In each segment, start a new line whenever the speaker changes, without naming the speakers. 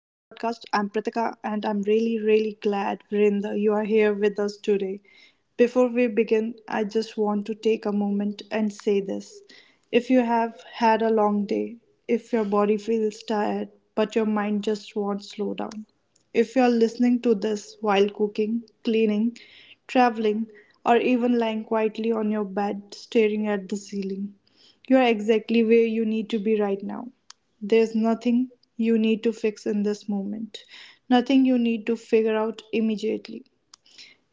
I'm Pritika, and I'm really, really glad, Vrinda, you are here with us today. Before we begin, I just want to take a moment and say this. If you have had a long day, if your body feels tired, but your mind just won't slow down, if you're listening to this while cooking, cleaning, traveling, or even lying quietly on your bed staring at the ceiling, you are exactly where you need to be right now. There's nothing you need to fix in this moment, nothing you need to figure out immediately.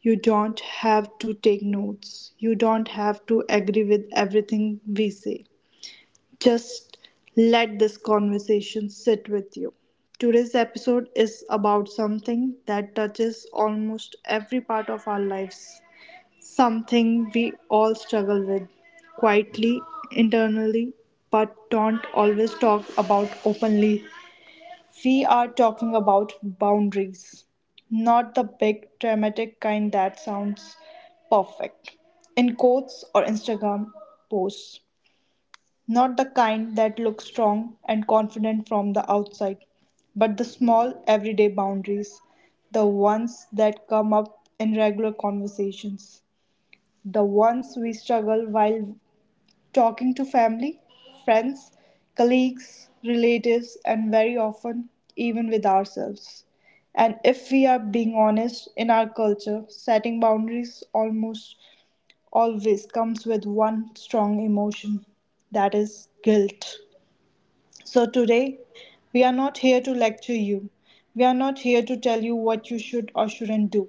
You don't have to take notes, you don't have to agree with everything we say. Just let this conversation sit with you. Today's episode is about something that touches almost every part of our lives. Something we all struggle with, quietly, internally, but don't always talk about openly. We are talking about boundaries, not the big dramatic kind that sounds perfect in quotes or Instagram posts, not the kind that looks strong and confident from the outside, but the small everyday boundaries, the ones that come up in regular conversations, the ones we struggle while talking to family, friends, colleagues, relatives, and very often even with ourselves. And if we are being honest, in our culture, setting boundaries almost always comes with one strong emotion, that is guilt. So today, we are not here to lecture you. We are not here to tell you what you should or shouldn't do.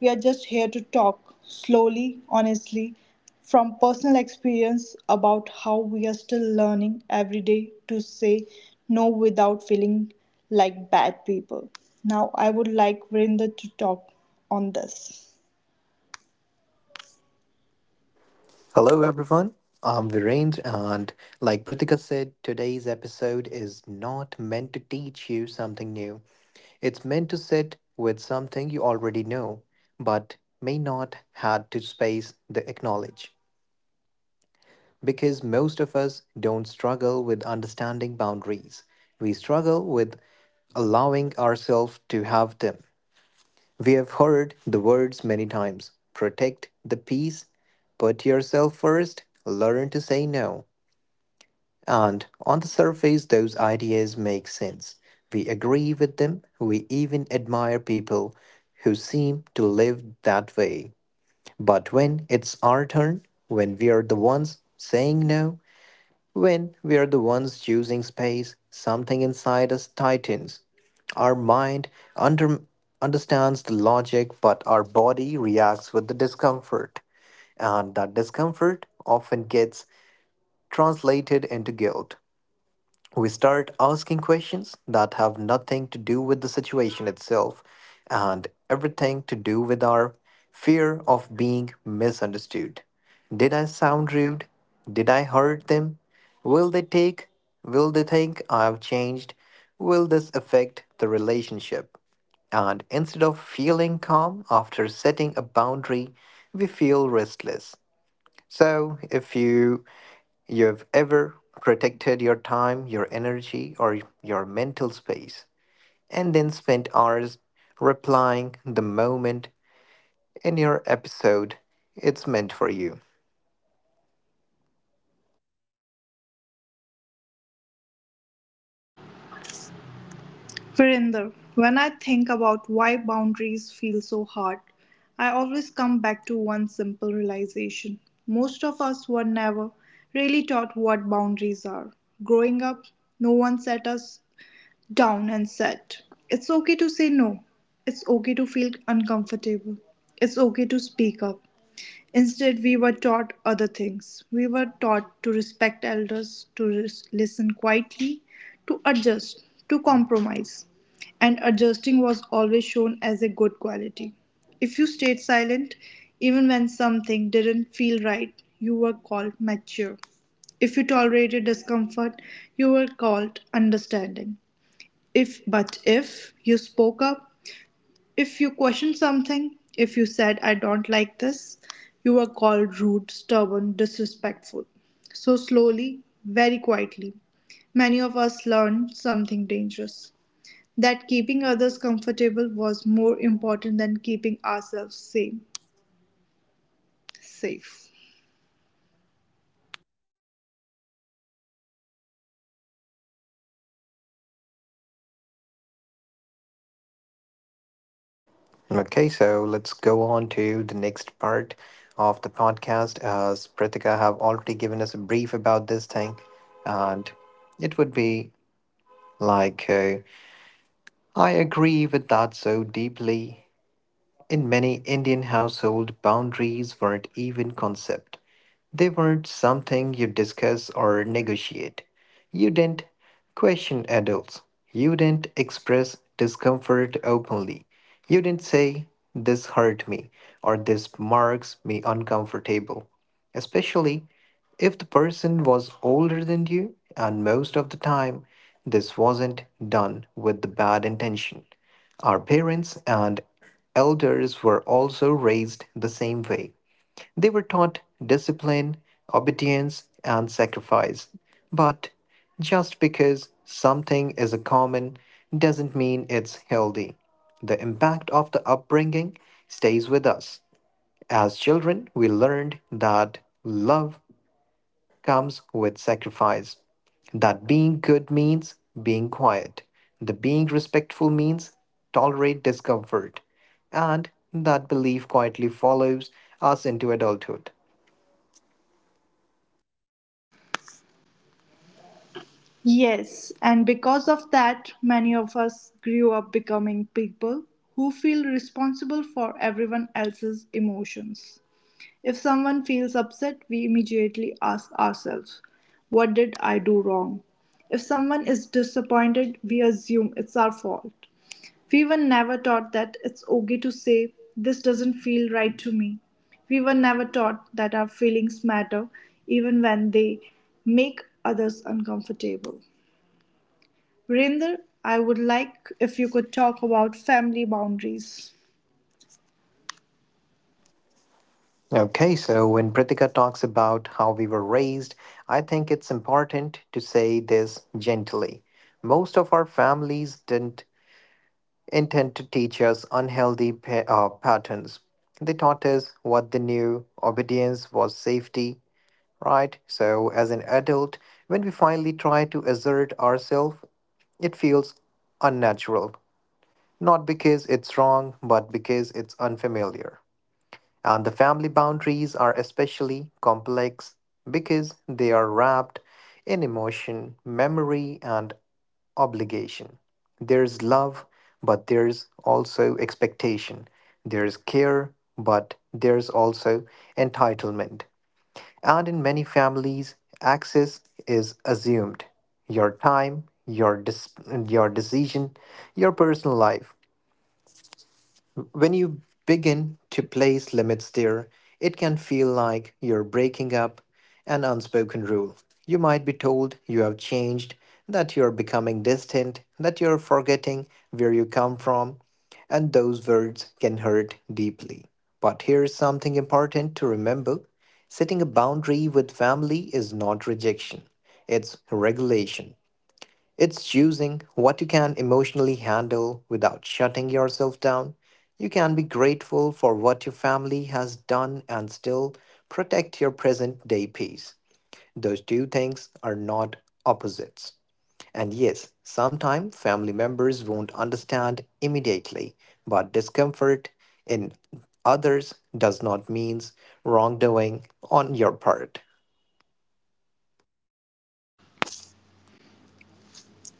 We are just here to talk slowly, honestly, from personal experience about how we are still learning every day to say no without feeling like bad people. Now, I would like Vrinder to talk on this.
Hello, everyone. I'm Virendra, and like Pritika said, today's episode is not meant to teach you something new. It's meant to sit with something you already know, but may not had to space the acknowledge. Because most of us don't struggle with understanding boundaries. We struggle with allowing ourselves to have them. We have heard the words many times protect the peace, put yourself first, learn to say no. And on the surface, those ideas make sense. We agree with them, we even admire people who seem to live that way. But when it's our turn, when we are the ones saying no, when we are the ones choosing space, something inside us tightens. Our mind under, understands the logic, but our body reacts with the discomfort. And that discomfort often gets translated into guilt, we start asking questions that have nothing to do with the situation itself and everything to do with our fear of being misunderstood. Did I sound rude? Did I hurt them? Will they take? Will they think I've changed? Will this affect the relationship? And instead of feeling calm after setting a boundary, we feel restless. So, if you have ever protected your time, your energy, or your mental space, and then spent hours replying the moment in your episode it's meant for you.
Virender, when I think about why boundaries feel so hard, I always come back to one simple realization. Most of us were never really taught what boundaries are. Growing up, no one set us down and said, it's okay to say no. It's okay to feel uncomfortable. It's okay to speak up. Instead, we were taught other things. We were taught to respect elders, to listen quietly, to adjust, to compromise. And adjusting was always shown as a good quality. If you stayed silent, even when something didn't feel right, you were called mature. If you tolerated discomfort, you were called understanding. If but if you spoke up, if you questioned something, if you said, I don't like this, you were called rude, stubborn, disrespectful. So slowly, very quietly, many of us learned something dangerous, that keeping others comfortable was more important than keeping ourselves same, safe.
Okay, so let's go on to the next part of the podcast. As Prithika have already given us a brief about this thing, and it would be like, I agree with that so deeply. In many Indian households, boundaries weren't even concept. They weren't something you discuss or negotiate. You didn't question adults. You didn't express discomfort openly. You didn't say, this hurt me, or this marks me uncomfortable. Especially if the person was older than you, and most of the time, this wasn't done with the bad intention. Our parents and elders were also raised the same way. They were taught discipline, obedience, and sacrifice. But just because something is a common doesn't mean it's healthy. The impact of the upbringing stays with us. As children, we learned that love comes with sacrifice. That being good means being quiet. The being respectful means tolerate discomfort. And that belief quietly follows us into adulthood.
Yes, and because of that, many of us grew up becoming people who feel responsible for everyone else's emotions. If someone feels upset, we immediately ask ourselves, what did I do wrong? If someone is disappointed, we assume it's our fault. We were never taught that it's okay to say, this doesn't feel right to me. We were never taught that our feelings matter even when they make others uncomfortable. Virender, I would like if you could talk about family boundaries.
Okay, so when Pritika talks about how we were raised, I think it's important to say this gently. Most of our families didn't intend to teach us unhealthy patterns. They taught us what they knew obedience was safety, right? So, as an adult, when we finally try to assert ourselves, it feels unnatural. Not because it's wrong, but because it's unfamiliar. And the family boundaries are especially complex because they are wrapped in emotion, memory, and obligation. There's love, but there's also expectation. There's care, but there's also entitlement. And in many families, access is assumed. Your time, your decision, your personal life. When you begin to place limits there, it can feel like you're breaking up an unspoken rule. You might be told you have changed, that you're becoming distant, that you're forgetting where you come from, and those words can hurt deeply. But here's something important to remember, setting a boundary with family is not rejection, it's regulation. It's choosing what you can emotionally handle without shutting yourself down. You can be grateful for what your family has done and still protect your present day peace. Those two things are not opposites. And yes, sometimes family members won't understand immediately, but discomfort in others does not mean wrongdoing on your part.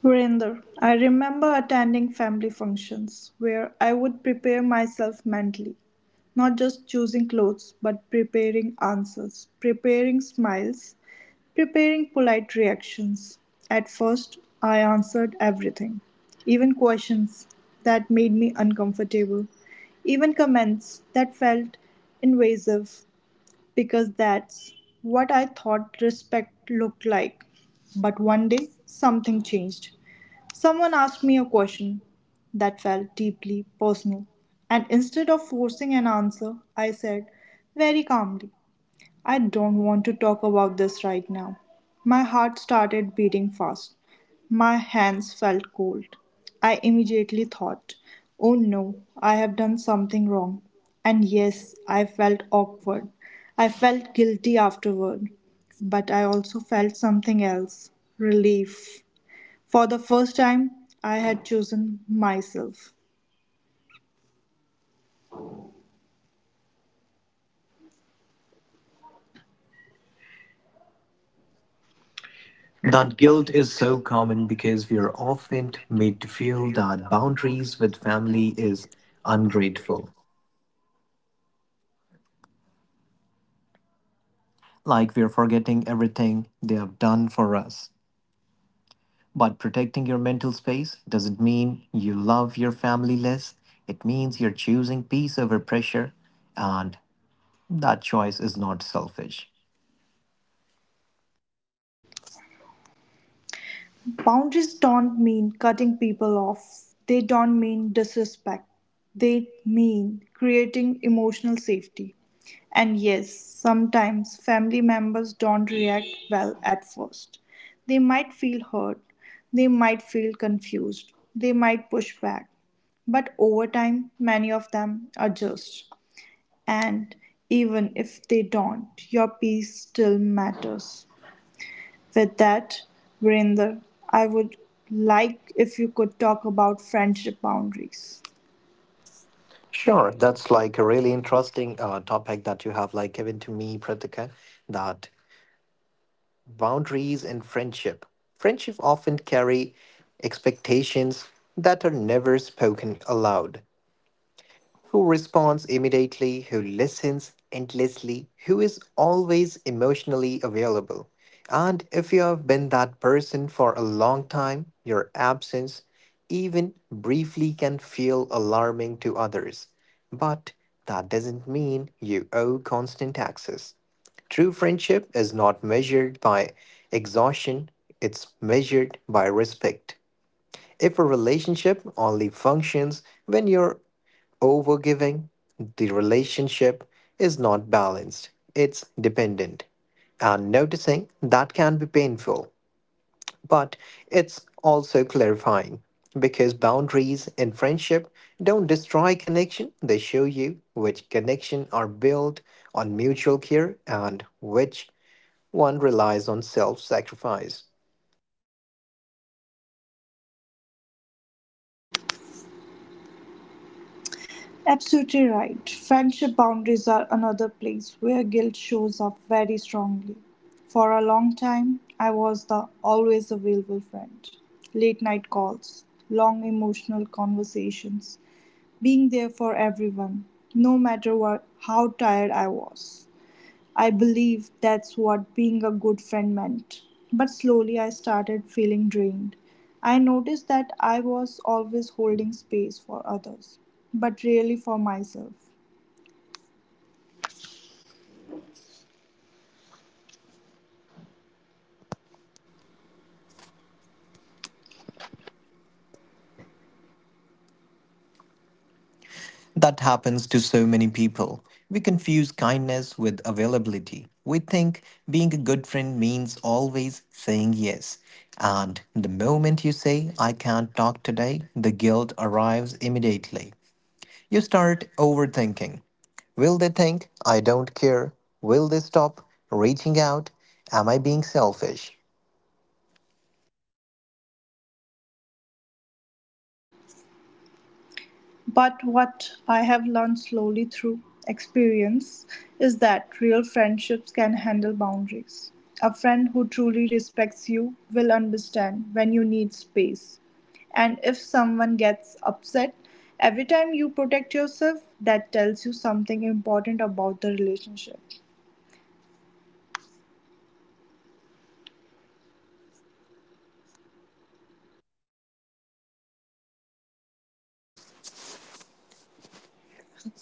Virender, I remember attending family functions where I would prepare myself mentally, not just choosing clothes, but preparing answers, preparing smiles, preparing polite reactions. At first, I answered everything, even questions that made me uncomfortable, even comments that felt invasive, because that's what I thought respect looked like. But one day, something changed. Someone asked me a question that felt deeply personal, and instead of forcing an answer, I said very calmly, I don't want to talk about this right now. My heart started beating fast. My hands felt cold. I immediately thought, oh no, I have done something wrong. And yes, I felt awkward. I felt guilty afterward. But I also felt something else, relief. For the first time, I had chosen myself.
That guilt is so common because we are often made to feel that boundaries with family is ungrateful, like we are forgetting everything they have done for us. But protecting your mental space doesn't mean you love your family less, it means you're choosing peace over pressure, and that choice is not selfish.
Boundaries don't mean cutting people off, they don't mean disrespect, they mean creating emotional safety. And yes, sometimes family members don't react well at first. They might feel hurt, they might feel confused, they might push back. But over time, many of them adjust. And even if they don't, your piece still matters. With that, Virender, I would like if you could talk about friendship boundaries.
Sure, that's like a really interesting topic that you have like given to me, Pratika. That boundaries and friendship. Friendship often carry expectations that are never spoken aloud, who responds immediately, who listens endlessly, who is always emotionally available. And if you have been that person for a long time, your absence, even briefly, can feel alarming to others. But that doesn't mean you owe constant access. True friendship is not measured by exhaustion, it's measured by respect. If a relationship only functions when you're overgiving, the relationship is not balanced, it's dependent. And noticing that can be painful, but it's also clarifying because boundaries in friendship don't destroy connection, they show you which connection are built on mutual care and which one relies on self sacrifice.
Absolutely right. Friendship boundaries are another place where guilt shows up very strongly. For a long time, I was the always available friend. Late night calls, long emotional conversations, being there for everyone, no matter what, how tired I was. I believe that's what being a good friend meant. But slowly I started feeling drained. I noticed that I was always holding space for others, but rarely for myself.
That happens to so many people. We confuse kindness with availability. We think being a good friend means always saying yes. And the moment you say, I can't talk today, the guilt arrives immediately. You start overthinking. Will they think I don't care? Will they stop reaching out? Am I being selfish?
But what I have learned slowly through experience is that real friendships can handle boundaries. A friend who truly respects you will understand when you need space. And if someone gets upset, every time you protect yourself, that tells you something important about the relationship.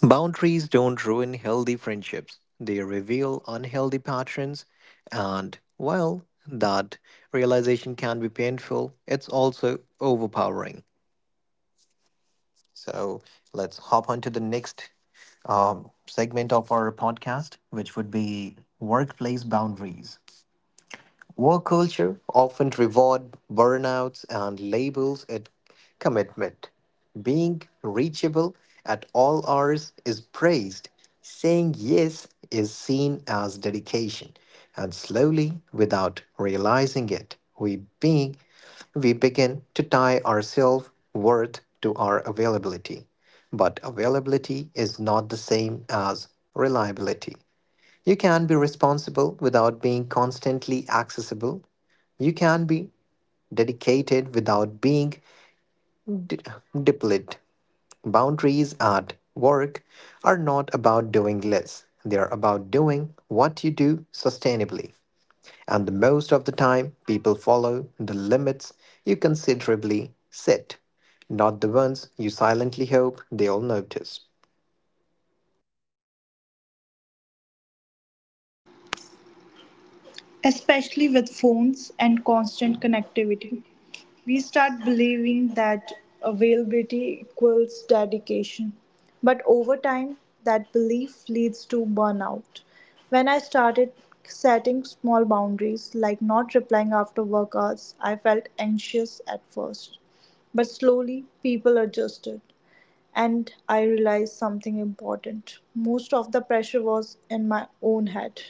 Boundaries don't ruin healthy friendships, they reveal unhealthy patterns, and while that realization can be painful, it's also overpowering. So let's hop on to the next segment of our podcast, which would be workplace boundaries. Work culture often rewards burnouts and labels it commitment. Being reachable at all hours is praised. Saying yes is seen as dedication. And slowly, without realizing it, we begin to tie our self worth to our availability. But availability is not the same as reliability. You can be responsible without being constantly accessible. You can be dedicated without being d- depleted. Boundaries at work are not about doing less, they are about doing what you do sustainably. And the most of the time, people follow the limits you considerably set, not the ones you silently hope they'll notice.
Especially with phones and constant connectivity, we start believing that availability equals dedication. But over time, that belief leads to burnout. When I started setting small boundaries, like not replying after work hours, I felt anxious at first. But slowly, people adjusted, and I realized something important. Most of the pressure was in my own head.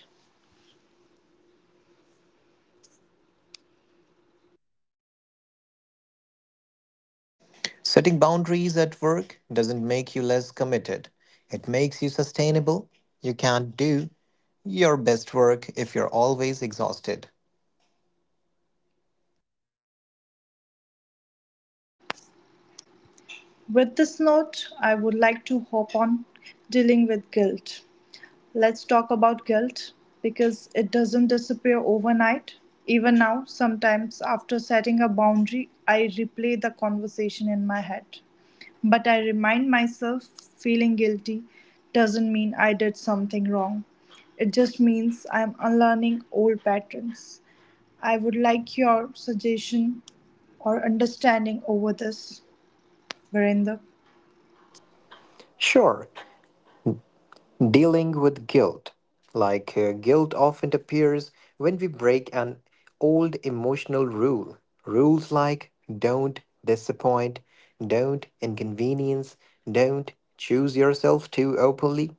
Setting boundaries at work doesn't make you less committed. It makes you sustainable. You can't do your best work if you're always exhausted.
With this note, I would like to hop on dealing with guilt. Let's talk about guilt because it doesn't disappear overnight. Even now, sometimes after setting a boundary, I replay the conversation in my head. But I remind myself, feeling guilty doesn't mean I did something wrong. It just means I'm unlearning old patterns. I would like your suggestion or understanding over this, Virender.
Sure, dealing with guilt. Like guilt often appears when we break an old emotional rule. Rules like don't disappoint, don't inconvenience, don't choose yourself too openly.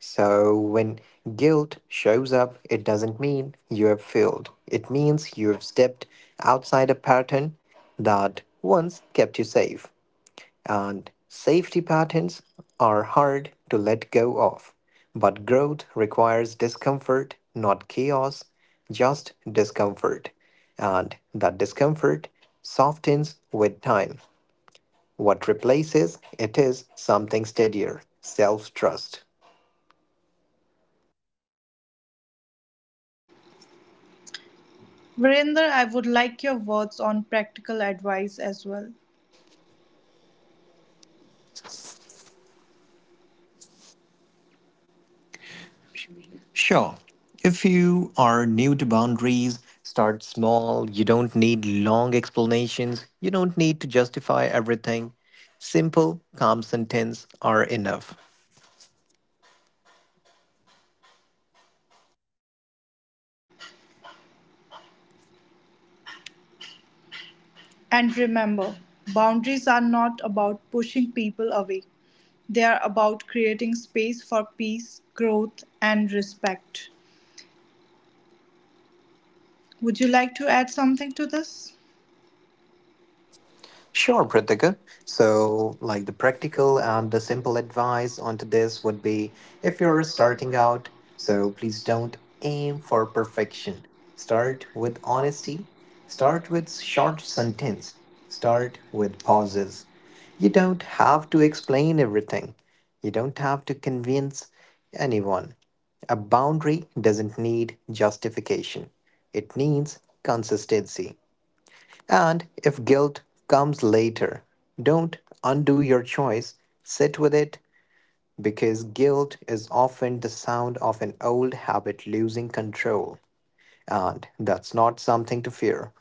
So, when guilt shows up, it doesn't mean you have failed. It means you have stepped outside a pattern that once kept you safe. And safety patterns are hard to let go of. But growth requires discomfort, not chaos, just discomfort. And that discomfort softens with time. What replaces it is something steadier self trust.
Virender, I would like your words on practical advice as well.
Sure. If you are new to boundaries, start small. You don't need long explanations. You don't need to justify everything. Simple, calm sentences are enough.
And remember, boundaries are not about pushing people away, they are about creating space for peace, growth, and respect. Would you like to add something to this?
Sure, Pratika. So, like the practical and the simple advice onto this would be, if you're starting out, so please don't aim for perfection. Start with honesty, start with short sentence, start with pauses. You don't have to explain everything, you don't have to convince anyone. A boundary doesn't need justification, it needs consistency. And if guilt comes later, don't undo your choice, sit with it, because guilt is often the sound of an old habit losing control, and that's not something to fear.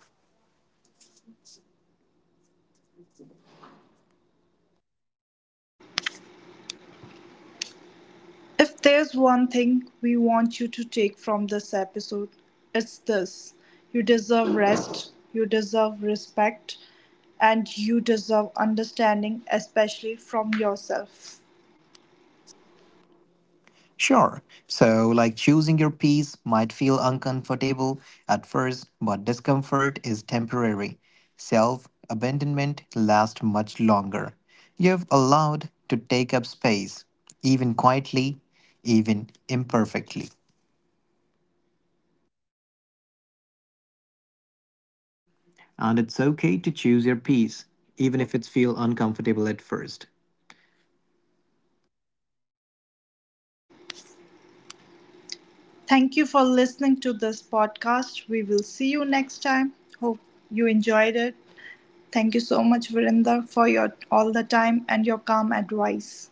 If there's one thing we want you to take from this episode, it's this: you deserve rest, you deserve respect, and you deserve understanding, especially from yourself.
Sure, so like choosing your peace might feel uncomfortable at first, but discomfort is temporary. Self abandonment lasts much longer. You've allowed to take up space, even quietly, even imperfectly, and it's okay to choose your piece, even if it feels uncomfortable at first.
Thank you for listening to this podcast. We will see you next time. Hope you enjoyed it. Thank you so much, Virinder, for your all the time and your calm advice.